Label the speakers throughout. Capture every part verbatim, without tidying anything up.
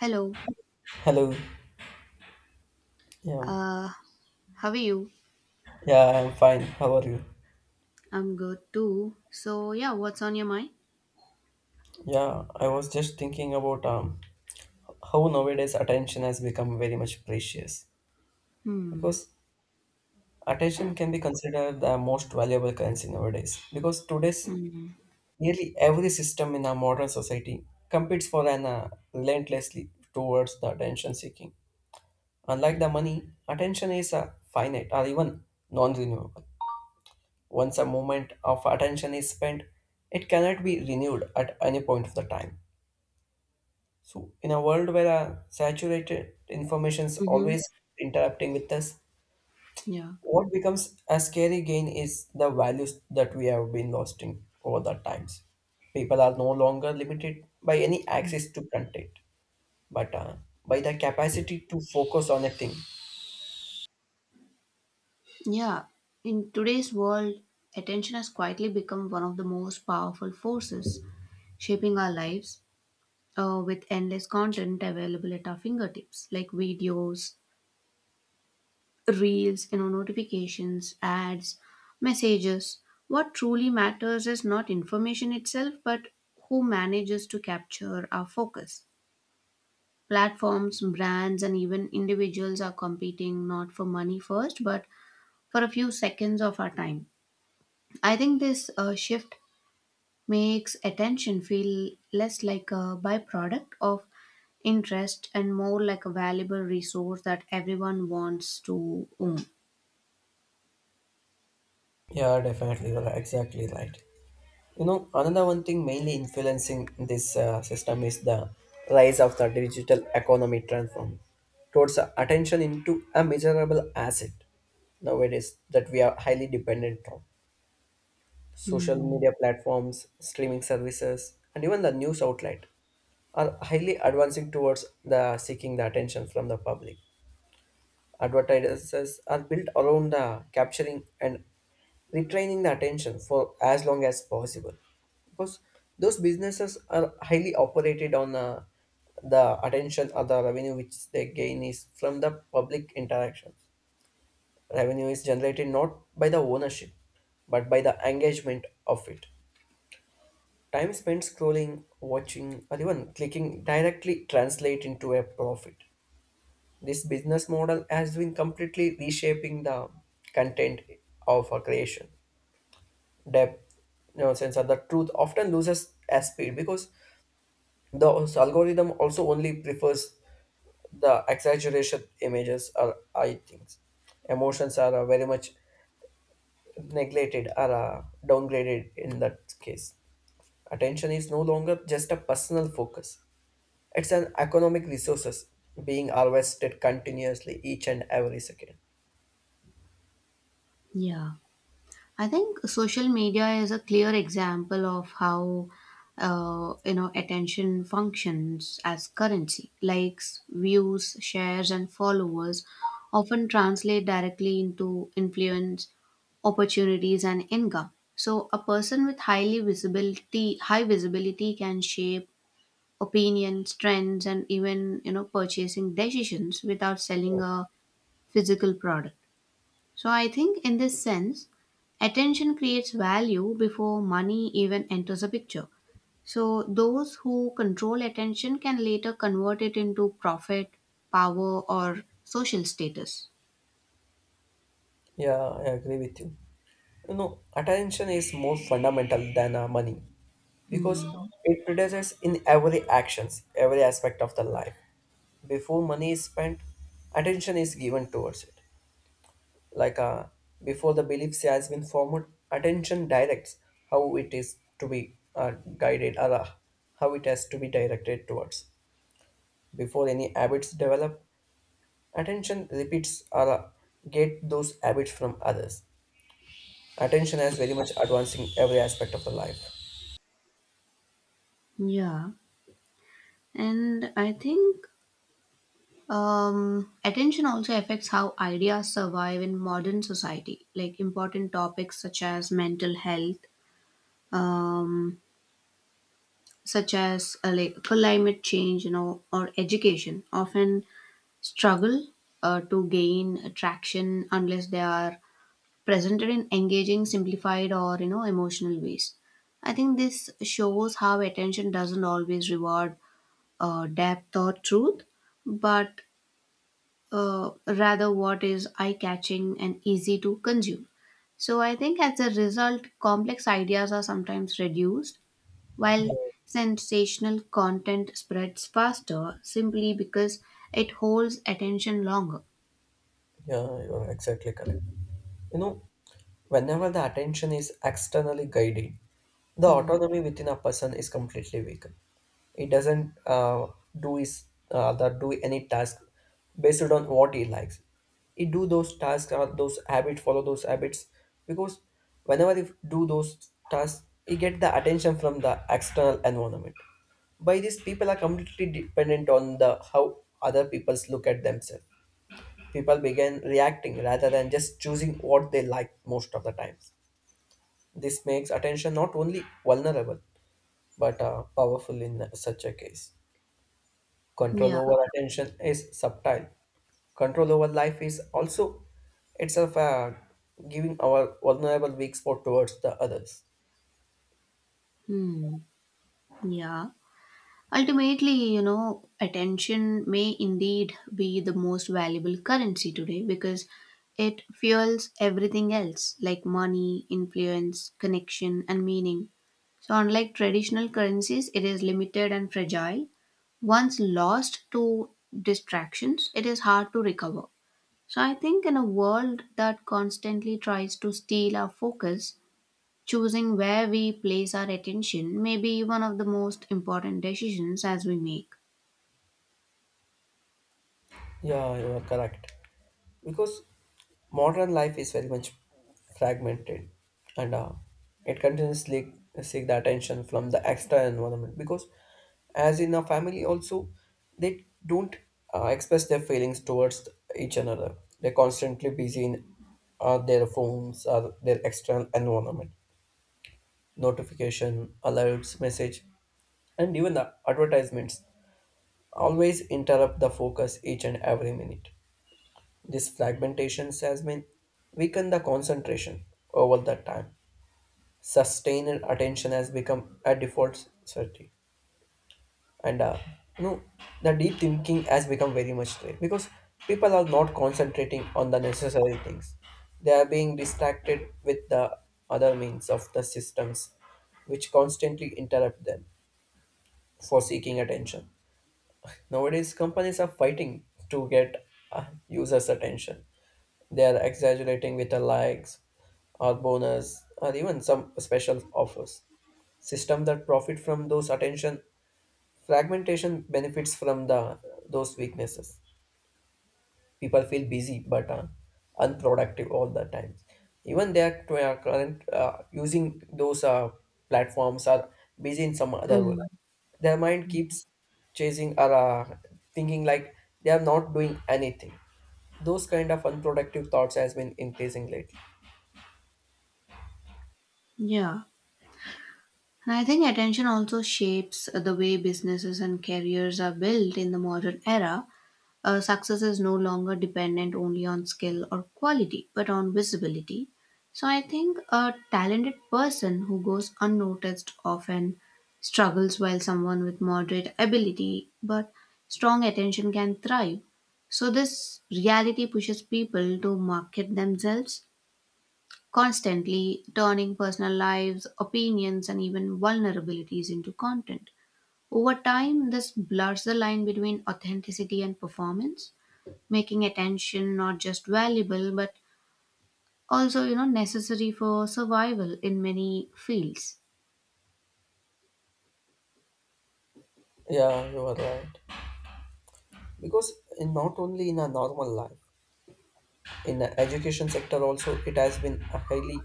Speaker 1: Hello.
Speaker 2: Hello. Yeah.
Speaker 1: Uh, how are you?
Speaker 2: Yeah, I'm fine. How are you?
Speaker 1: I'm good too. So yeah, what's on your mind?
Speaker 2: Yeah, I was just thinking about um how nowadays attention has become very much precious
Speaker 1: Hmm.
Speaker 2: because attention can be considered the most valuable currency nowadays because today's nearly every system in our modern society competes for an uh, relentlessly towards the attention seeking. Unlike the money, attention is uh, finite or even non-renewable. Once a moment of attention is spent, it cannot be renewed at any point of the time. So in a world where uh, saturated information is
Speaker 1: Mm-hmm.
Speaker 2: always interrupting with us,
Speaker 1: Yeah.
Speaker 2: what becomes a scary gain is the values that we have been losing over the times. People are no longer limited by any access to content, but uh, by the capacity to focus on a thing.
Speaker 1: Yeah. In today's world, attention has quietly become one of the most powerful forces shaping our lives. Uh, with endless content available at our fingertips, like videos, reels, you know, notifications, ads, messages. What truly matters is not information itself, but who manages to capture our focus. Platforms, brands, and even individuals are competing not for money first, but for a few seconds of our time. I think this uh, shift makes attention feel less like a byproduct of interest and more like a valuable resource that everyone wants to own.
Speaker 2: Yeah, definitely, you're exactly right. You know, another one thing mainly influencing this uh, system is the rise of the digital economy transform towards the attention into a measurable asset nowadays that we are highly dependent on. Social
Speaker 1: Hmm.
Speaker 2: media platforms, streaming services, and even the news outlet are highly advancing towards the seeking the attention from the public. Advertises are built around the capturing and retraining the attention for as long as possible because those businesses are highly operated on uh, the attention or the revenue which they gain is from the public interactions. Revenue is generated not by the ownership but by the engagement of it. Time spent scrolling, watching, or even clicking directly translate into a profit. This business model has been completely reshaping the content of a creation. Depth, nonsense. Know, the truth often loses as speed because the algorithm also only prefers the exaggeration images or I things. Emotions are uh, very much neglected or uh, downgraded in that case. Attention is no longer just a personal focus. It's an economic resources being harvested continuously each and every second.
Speaker 1: Yeah. I think social media is a clear example of how uh, you know attention functions as currency. Likes, views, shares, and followers often translate directly into influence, opportunities, and income. So a person with highly visibility, high visibility can shape opinions, trends, and even you know purchasing decisions without selling a physical product. So I think in this sense, attention creates value before money even enters the picture. So those who control attention can later convert it into profit, power, or social status.
Speaker 2: Yeah, I agree with you. You know, attention is more fundamental than uh, money because
Speaker 1: Hmm.
Speaker 2: it predicts in every actions, every aspect of the life. Before money is spent, attention is given towards it. Like uh, before the belief has been formed, attention directs how it is to be uh, guided or uh, how it has to be directed towards. Before any habits develop, attention repeats or uh, get those habits from others. Attention is very much advancing every aspect of the life.
Speaker 1: Yeah. And I think um, attention also affects how ideas survive in modern society, like important topics such as mental health, um, such as uh, like climate change, you know, or education often struggle uh, to gain traction unless they are presented in engaging, simplified, or you know emotional ways. I think this shows how attention doesn't always reward uh, depth or truth, but uh, rather what is eye catching and easy to consume. So I think as a result, complex ideas are sometimes reduced, while
Speaker 2: Yeah,
Speaker 1: sensational content spreads faster simply because it holds attention longer.
Speaker 2: yeah, you're exactly correct. You know, whenever the attention is externally guided, the
Speaker 1: Hmm.
Speaker 2: autonomy within a person is completely weakened. It doesn't uh, do is uh, that do any task based on what he likes. He do those tasks or those habits, follow those habits because whenever he do those tasks, he get the attention from the external environment. By this, people are completely dependent on the how other peoples look at themselves. People began reacting rather than just choosing what they like most of the times. This makes attention not only vulnerable but uh, powerful in such a case. Control
Speaker 1: Yeah.
Speaker 2: over attention is subtle. Control over life is also itself uh, giving our vulnerable weak spot towards the others.
Speaker 1: Hmm. Yeah. Ultimately, you know, attention may indeed be the most valuable currency today because it fuels everything else, like money, influence, connection, and meaning. So, unlike traditional currencies, it is limited and fragile. Once lost to distractions, it is hard to recover. So, I think in a world that constantly tries to steal our focus, choosing where we place our attention may be one of the most important decisions as we make.
Speaker 2: Yeah, you are correct. Because modern life is very much fragmented and uh, it continuously seek the attention from the external environment because as in a family also they don't uh, express their feelings towards each another. They're constantly busy in uh, their phones or their external environment. Notification alerts message and even the advertisements always interrupt the focus each and every minute. This fragmentation has been weakened the concentration over the time. Sustained attention has become a default certainty. And uh, no, the deep thinking has become very much rare because people are not concentrating on the necessary things. They are being distracted with the other means of the systems which constantly interrupt them for seeking attention. Nowadays, companies are fighting to get uh, users' attention. They are exaggerating with the likes or bonus or even some special offers. System that profit from those attention fragmentation benefits from the those weaknesses. People feel busy but uh, unproductive all the time. Even they are they are current uh, using those uh, platforms are busy in some other work.
Speaker 1: Mm.
Speaker 2: Their mind keeps chasing or uh, thinking like they are not doing anything. Those kind of unproductive thoughts has been increasing lately.
Speaker 1: Yeah. And I think attention also shapes the way businesses and careers are built in the modern era. Uh, success is no longer dependent only on skill or quality, but on visibility. So I think a talented person who goes unnoticed often struggles, while someone with moderate ability but strong attention can thrive. So this reality pushes people to market themselves constantly, turning personal lives, opinions, and even vulnerabilities into content. Over time, this blurs the line between authenticity and performance, making attention not just valuable but also you know necessary for survival in many fields.
Speaker 2: Yeah, you are right. Because in not only in a normal life, in the education sector also, it has been a highly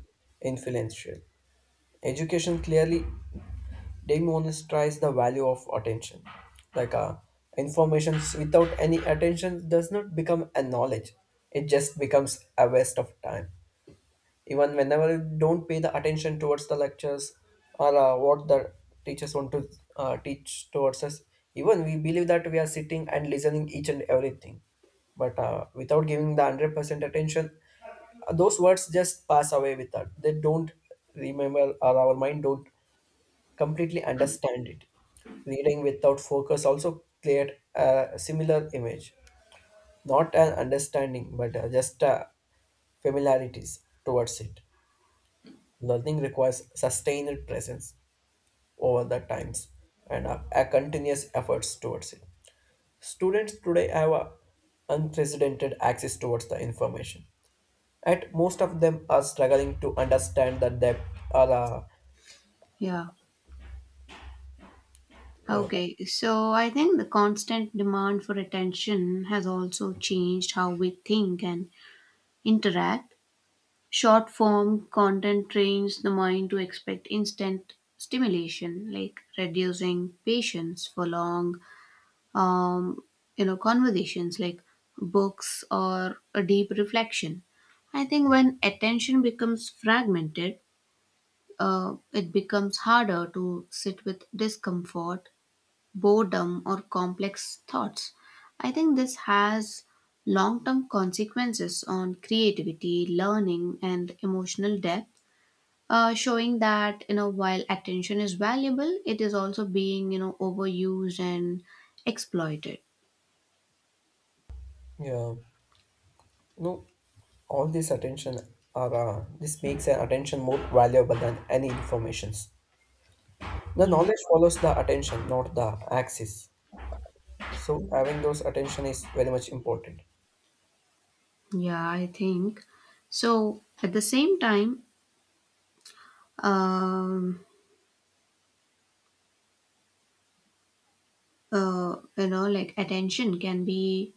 Speaker 2: influential. Education clearly demonstrates the value of attention. Like uh, information without any attention does not become a knowledge. It just becomes a waste of time. Even whenever you don't pay the attention towards the lectures or uh, what the teachers want to uh, teach towards us, even we believe that we are sitting and listening each and everything, but uh, without giving the one hundred percent attention, uh, those words just pass away with that. They don't remember or our mind don't completely understand it. Reading without focus also create a similar image, not an understanding but uh, just uh, familiarities towards it. Learning requires sustained presence over the times and a, a continuous efforts towards it. Students today have a unprecedented access towards the information. And most of them are struggling to understand the depth or uh,
Speaker 1: Yeah,
Speaker 2: yeah,
Speaker 1: okay. So I think the constant demand for attention has also changed how we think and interact. Short form content trains the mind to expect instant stimulation, like reducing patience for long um, you know conversations, like books or a deep reflection. I think when attention becomes fragmented, uh, it becomes harder to sit with discomfort, boredom, or complex thoughts. I think this has long term consequences on creativity, learning, and emotional depth, uh, showing that you know while attention is valuable, it is also being you know overused and exploited.
Speaker 2: yeah, no, all this attention are uh, this makes an attention more valuable than any informations. The
Speaker 1: Yeah.
Speaker 2: knowledge follows the attention, not the axis. So having those attention is very much important.
Speaker 1: Yeah, I think so. At the same time, um, uh, you know, like attention can be,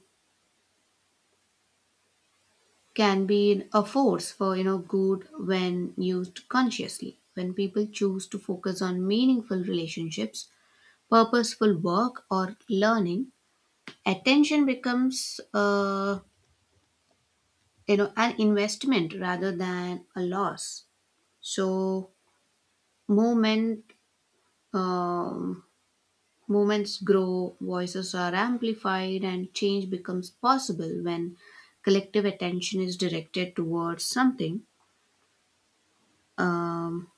Speaker 1: can be a force for you know good when used consciously. When people choose to focus on meaningful relationships, purposeful work, or learning, attention becomes uh, you know an investment rather than a loss. So movement. Um, Movements grow, voices are amplified, and change becomes possible when collective attention is directed towards something um,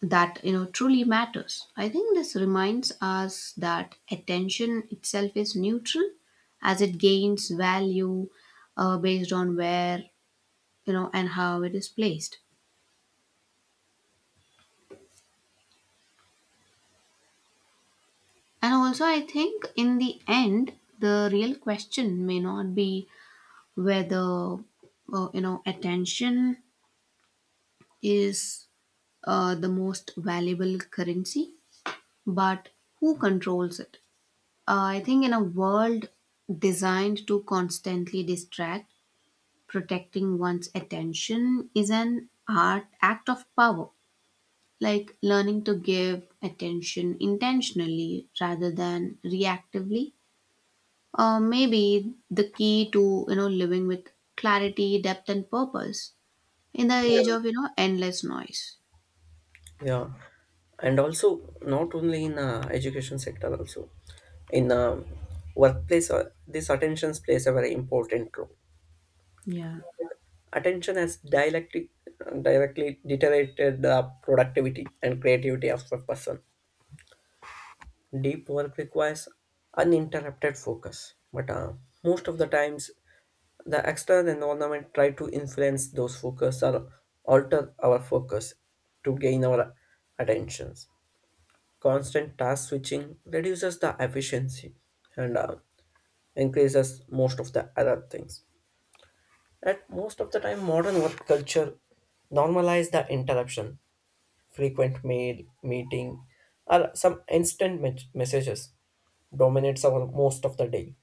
Speaker 1: that you know truly matters. I think this reminds us that attention itself is neutral, as it gains value uh, based on where you know and how it is placed. And also, I think in the end, the real question may not be whether uh, you know attention is uh, the most valuable currency, but who controls it? Uh, I think in a world designed to constantly distract, protecting one's attention is an art, act of power. Like learning to give attention intentionally rather than reactively. Uh, maybe the key to you know living with clarity, depth, and purpose in the age
Speaker 2: Yeah.
Speaker 1: of you know endless noise.
Speaker 2: Yeah, and also not only in uh, education sector, also in uh, workplace, uh, this attention plays a very important role.
Speaker 1: Yeah.
Speaker 2: Attention has directly directly deteriorated the productivity and creativity of a person. Deep work requires uninterrupted focus, but uh, most of the times the external environment try to influence those focus or alter our focus to gain our attentions. Constant task switching reduces the efficiency and uh, increases most of the other things. At most of the time, modern work culture normalize the interruption, frequent mail, meeting, or some instant me- messages dominates our most of the day.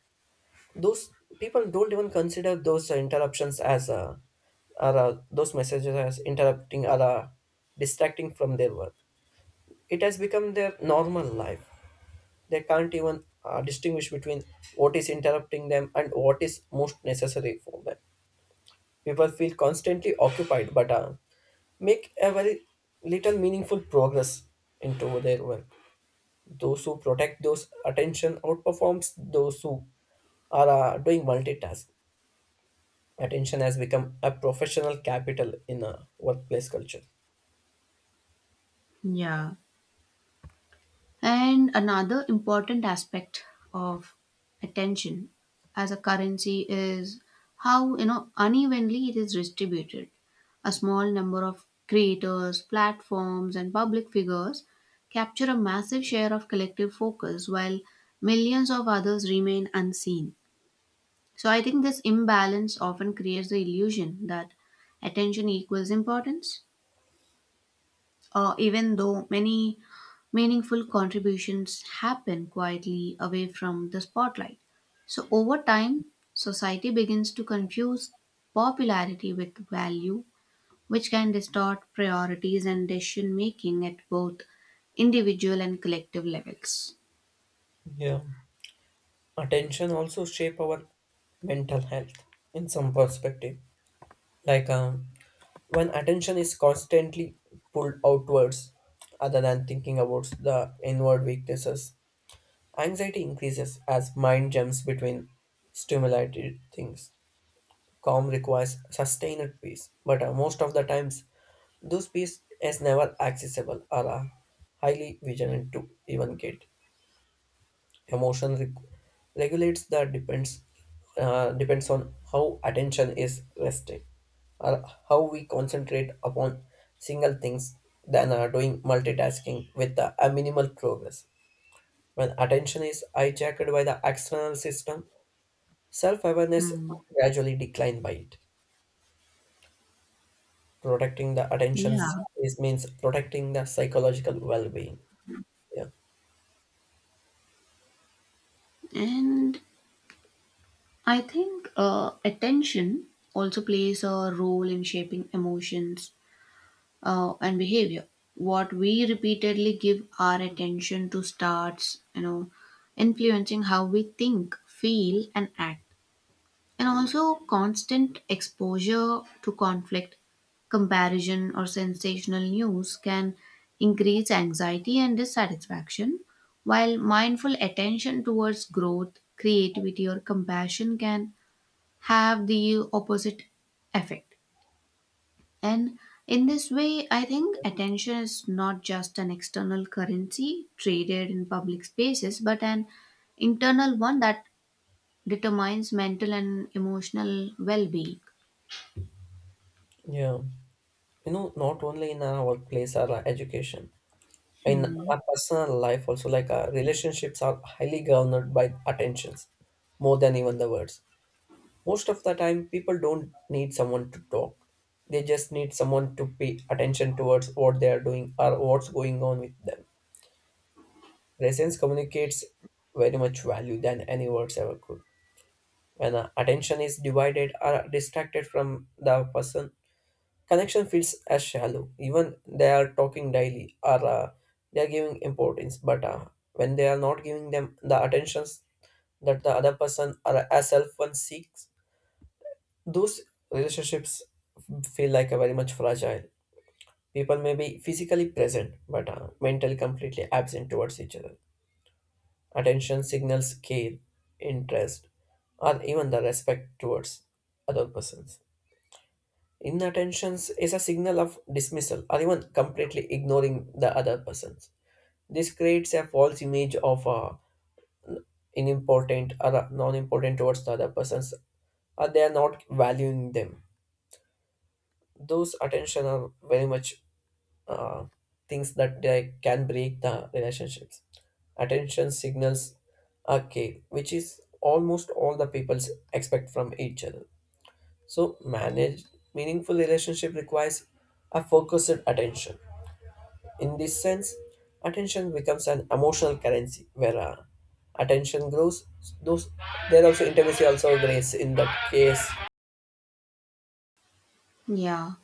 Speaker 2: Those people don't even consider those interruptions as uh, or uh, those messages as interrupting or uh, distracting from their work. It has become their normal life. They can't even uh, distinguish between what is interrupting them and what is most necessary for them. People feel constantly occupied, but uh, make a very little meaningful progress into their work. Those who protect those attention outperforms those who are uh, doing multitask. Attention has become a professional capital in a workplace culture.
Speaker 1: Yeah. And another important aspect of attention as a currency is how you know unevenly it is distributed. A small number of creators, platforms, and public figures capture a massive share of collective focus while millions of others remain unseen. So I think this imbalance often creates the illusion that attention equals importance, uh, even though many meaningful contributions happen quietly away from the spotlight. So, over time, society begins to confuse popularity with value, which can distort priorities and decision making at both individual and collective levels.
Speaker 2: Yeah, attention also shape our mental health in some perspective. Like um, when attention is constantly pulled outwards other than thinking about the inward weaknesses, anxiety increases as mind jumps between stimulated things. Calm requires sustained peace, but uh, most of the times those peace is never accessible or uh, highly vigilant to even get. Emotion reg- regulates the depends uh, depends on how attention is rested or how we concentrate upon single things than uh, doing multitasking with uh, a minimal progress. When attention is hijacked by the external system, self-awareness
Speaker 1: Hmm.
Speaker 2: gradually decline by it. Protecting the attention
Speaker 1: Yeah.
Speaker 2: is means protecting the psychological well-being. Yeah,
Speaker 1: And I think uh, attention also plays a role in shaping emotions uh, and behavior. What we repeatedly give our attention to starts, you know, influencing how we think, feel, and act. And also, constant exposure to conflict, comparison, or sensational news can increase anxiety and dissatisfaction, while mindful attention towards growth, creativity, or compassion can have the opposite effect. And in this way, I think attention is not just an external currency traded in public spaces, but an internal one that determines mental and emotional well being.
Speaker 2: yeah. You know, not only in our workplace or uh, education, in
Speaker 1: Hmm.
Speaker 2: our personal life also, like our relationships are highly governed by attentions more than even the words. Most of the time people don't need someone to talk. They just need someone to pay attention towards what they are doing or what's going on with them. Presence communicates very much value than any words ever could. When our attention is divided or distracted from the person, connection feels as shallow. Even they are talking daily or uh, they are giving importance, but uh, when they are not giving them the attentions that the other person or a self one seeks, those relationships feel like a very much fragile. People may be physically present, but uh, mentally completely absent towards each other. Attention signals care, interest, or even the respect towards other persons. Inattention is a signal of dismissal or even completely ignoring the other persons. This creates a false image of uh, unimportant or uh, non-important towards the other persons, or they are not valuing them. Those attention are very much uh, things that they can break the relationships. Attention signals a care, which is almost all the people expect from each other. So, manage meaningful relationship requires a focused attention. In this sense, attention becomes an emotional currency where uh, attention grows. Those there also intimacy also grows in that case.
Speaker 1: Yeah,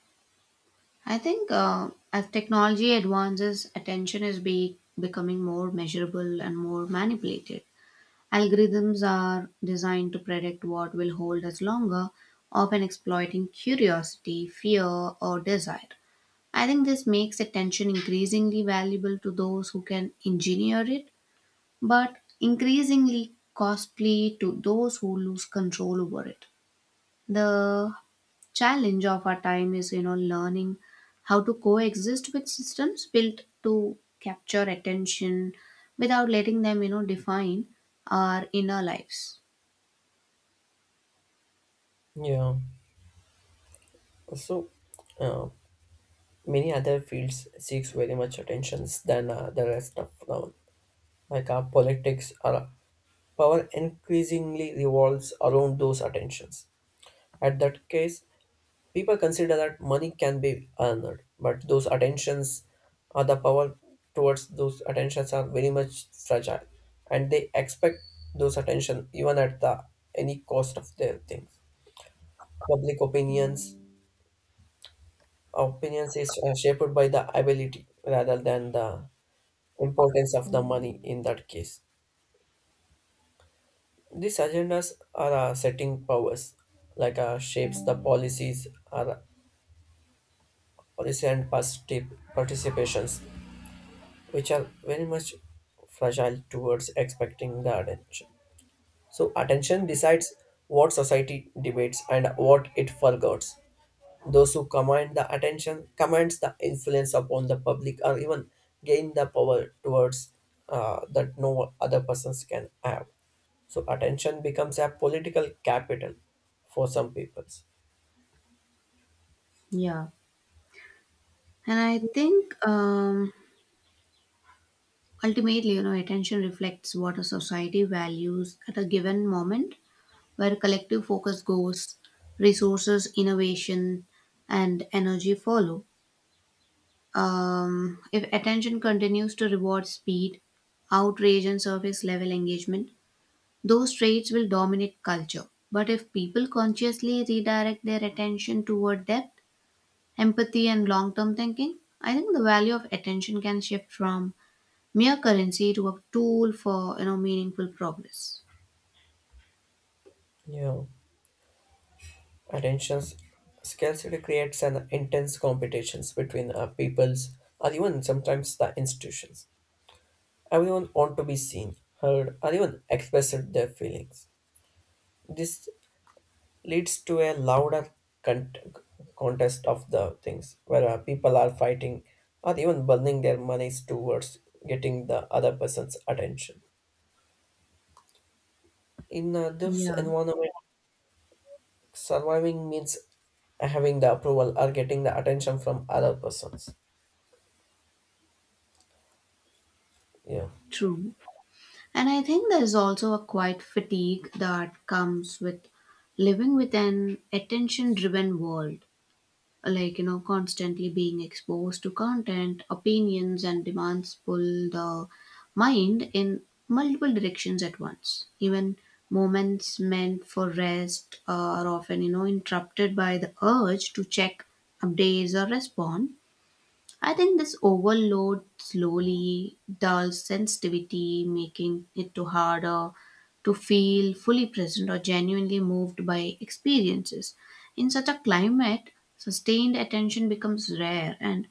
Speaker 1: I think uh, as technology advances, attention is be- becoming more measurable and more manipulated. Algorithms are designed to predict what will hold us longer, often exploiting curiosity, fear, or desire. I think this makes attention increasingly valuable to those who can engineer it, but increasingly costly to those who lose control over it. The challenge of our time is, you know, learning how to coexist with systems built to capture attention without letting them, you know, define our inner lives.
Speaker 2: Yeah. So, uh, many other fields seeks very much attentions than uh, the rest of now. Like our politics or power increasingly revolves around those attentions. At that case, people consider that money can be earned, but those attentions or the power towards those attentions are very much fragile and they expect those attention even at the any cost of their things. Public opinions opinions is uh, shaped by the ability rather than the importance of the money in that case. These agendas are uh, setting powers like uh, shapes the policies are policy and particip- participations which are very much fragile towards expecting the attention. So, attention decides what society debates and what it forgets. Those who command the attention commands the influence upon the public or even gain the power towards uh, that no other persons can have. So, attention becomes a political capital for some peoples.
Speaker 1: Yeah. And I think um, ultimately, you know, attention reflects what a society values at a given moment, where collective focus goes, resources, innovation, and energy follow. Um, if attention continues to reward speed, outrage, and surface level engagement, those traits will dominate culture. But if people consciously redirect their attention toward depth, empathy, and long term thinking, I think the value of attention can shift from mere currency to a tool for you know meaningful progress.
Speaker 2: Yeah. Attention scarcity creates an intense competitions between uh, peoples or even sometimes the institutions. Everyone want to be seen, heard, or even express their feelings. This leads to a louder con- contest of the things where uh, people are fighting or even burning their monies towards getting the other person's attention. In uh, this
Speaker 1: Yeah,
Speaker 2: environment, surviving means having the approval or getting the attention from other persons. Yeah.
Speaker 1: true. And I think there is also a quiet fatigue that comes with living with an attention driven world, like, you know, constantly being exposed to content, opinions, and demands pull the mind in multiple directions at once. Even moments meant for rest are often, you know, interrupted by the urge to check updates or respond. I think this overload slowly dulls sensitivity, making it too harder to feel fully present or genuinely moved by experiences. In such a climate, sustained attention becomes rare, and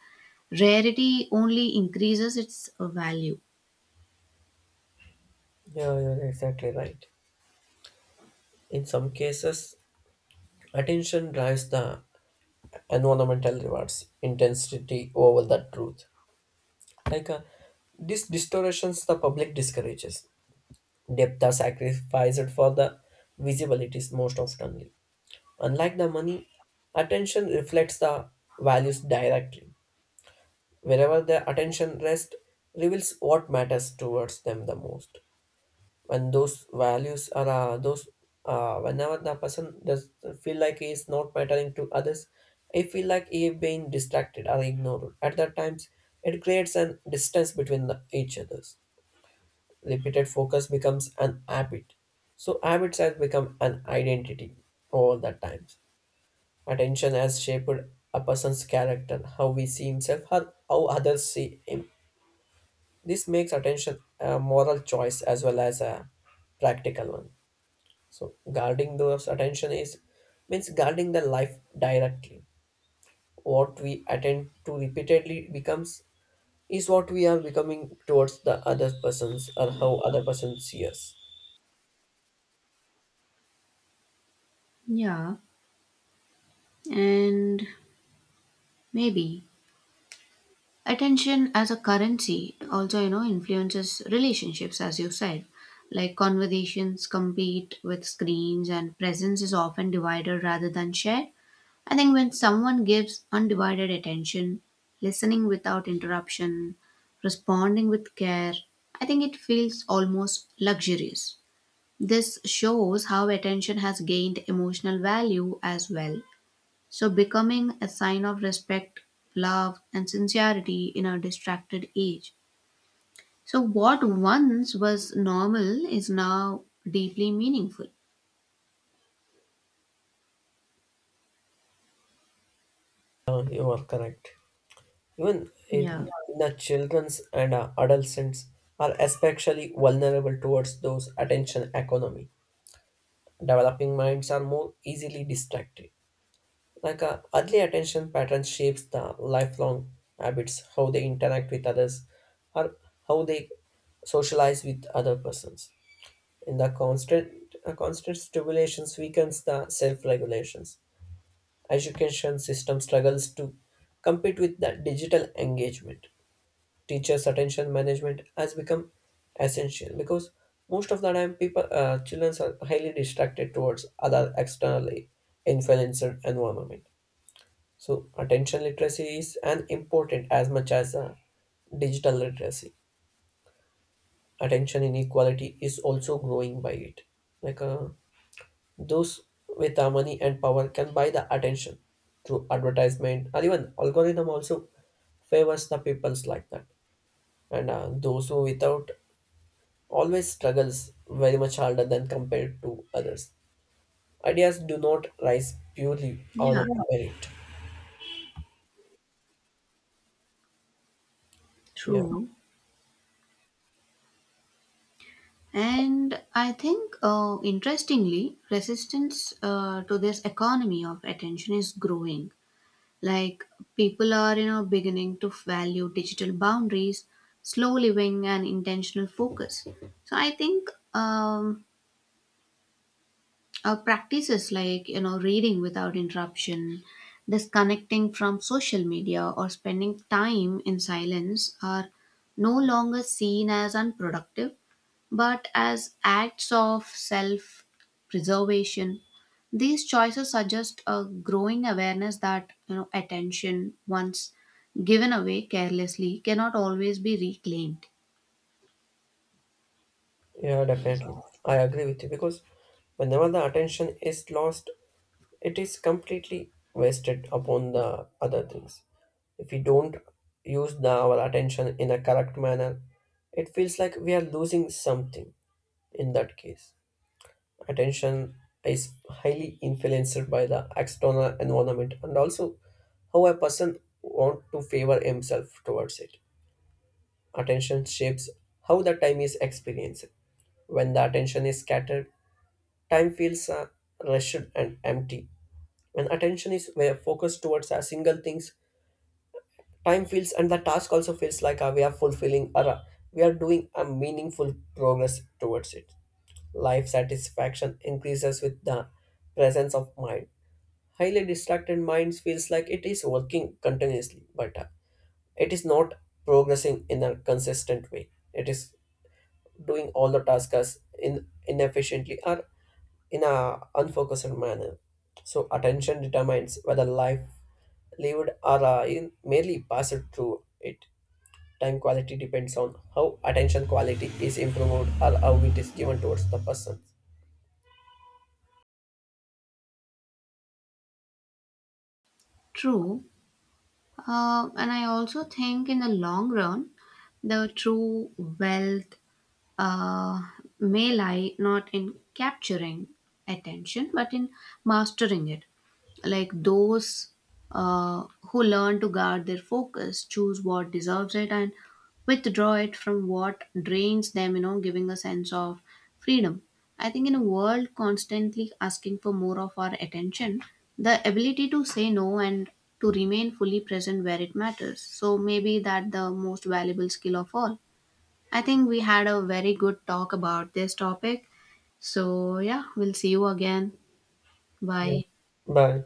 Speaker 1: rarity only increases its value.
Speaker 2: Yeah, you're exactly right. In some cases, attention drives the environmental rewards, intensity over the truth. Like uh, this distortions the public discourages. Depth are sacrificed for the visibilities most oftenly. Unlike the money, attention reflects the values directly. Wherever the attention rests reveals what matters towards them the most. When those values are uh, those uh, whenever the person does feel like he is not mattering to others, I feel like he being distracted or ignored at that times. It creates an distance between the, each others. Repeated focus becomes an habit, so habits have become an identity all the times. Attention has shaped a person's character, how we see himself or how others see him. This makes attention a moral choice as well as a practical one. So guarding those attention is means guarding the life directly. What we attend to repeatedly becomes is what we are becoming towards the other persons or how other persons see us.
Speaker 1: Yeah, and maybe attention as a currency also you know influences relationships, as you said. Like conversations compete with screens and presence is often divided rather than shared. I think when someone gives undivided attention, listening without interruption, responding with care, I think it feels almost luxurious. This shows how attention has gained emotional value as well, so, becoming a sign of respect, love, and sincerity in a distracted age. So, what once was normal is now deeply meaningful.
Speaker 2: Uh, you are correct. Even in,
Speaker 1: Yeah,
Speaker 2: in the children's and uh, adolescents are especially vulnerable towards those attention economy. Developing minds are more easily distracted. Like uh, early attention pattern shapes the lifelong habits, how they interact with others, or how they socialize with other persons. In the constant uh, constant stimulations weakens the self-regulations. Education system struggles to compete with the digital engagement. Teachers' attention management has become essential because most of the time people uh, children are highly distracted towards other externally influenced environment. So, attention literacy is an important as much as a digital literacy. Attention inequality is also growing by it. Like uh, those with the money and power can buy the attention through advertisement or even algorithm also favors the peoples like that. And uh, Those who without always struggles very much harder than compared to others. Ideas do not rise purely on,
Speaker 1: yeah,
Speaker 2: yeah, merit. Yeah.
Speaker 1: true. And I think, uh, interestingly, resistance uh, to this economy of attention is growing. Like people are, you know, beginning to value digital boundaries, slow living, and intentional focus. So I think um, our practices, like, you know, reading without interruption, disconnecting from social media, or spending time in silence are no longer seen as unproductive, but as acts of self preservation. These choices suggest a growing awareness that, you know, attention, once given away carelessly, cannot always be reclaimed.
Speaker 2: Yeah, definitely. I agree with you because whenever the attention is lost, it is completely wasted upon the other things. If we don't use the, our attention in a correct manner, it feels like we are losing something in that case. Attention is highly influenced by the external environment, and also how a person want to favor himself towards it. Attention shapes how the time is experienced. When the attention is scattered, time feels uh, rushed and empty. When attention is we are focused towards a single things, time feels and the task also feels like uh, we are fulfilling or uh, we are doing a meaningful progress towards it. Life satisfaction increases with the presence of mind. Highly distracted minds feels like it is working continuously, but uh, it is not progressing in a consistent way. It is doing all the tasks as in inefficiently or in a unfocused manner. So attention determines whether life lived or uh, in merely passed through it. Time quality depends on how attention quality is improved or how it is given towards the person.
Speaker 1: True. Uh, and I also think in the long run, the true wealth uh, may lie not in capturing attention but in mastering it. Like those uh, who learn to guard their focus, choose what deserves it, and withdraw it from what drains them, you know, giving a sense of freedom. I think in a world constantly asking for more of our attention, the ability to say no and to remain fully present where it matters. So maybe that the most valuable skill of all. I think we had a very good talk about this topic. So, yeah, we'll see you again.
Speaker 2: Yeah.
Speaker 1: Bye.
Speaker 2: Bye.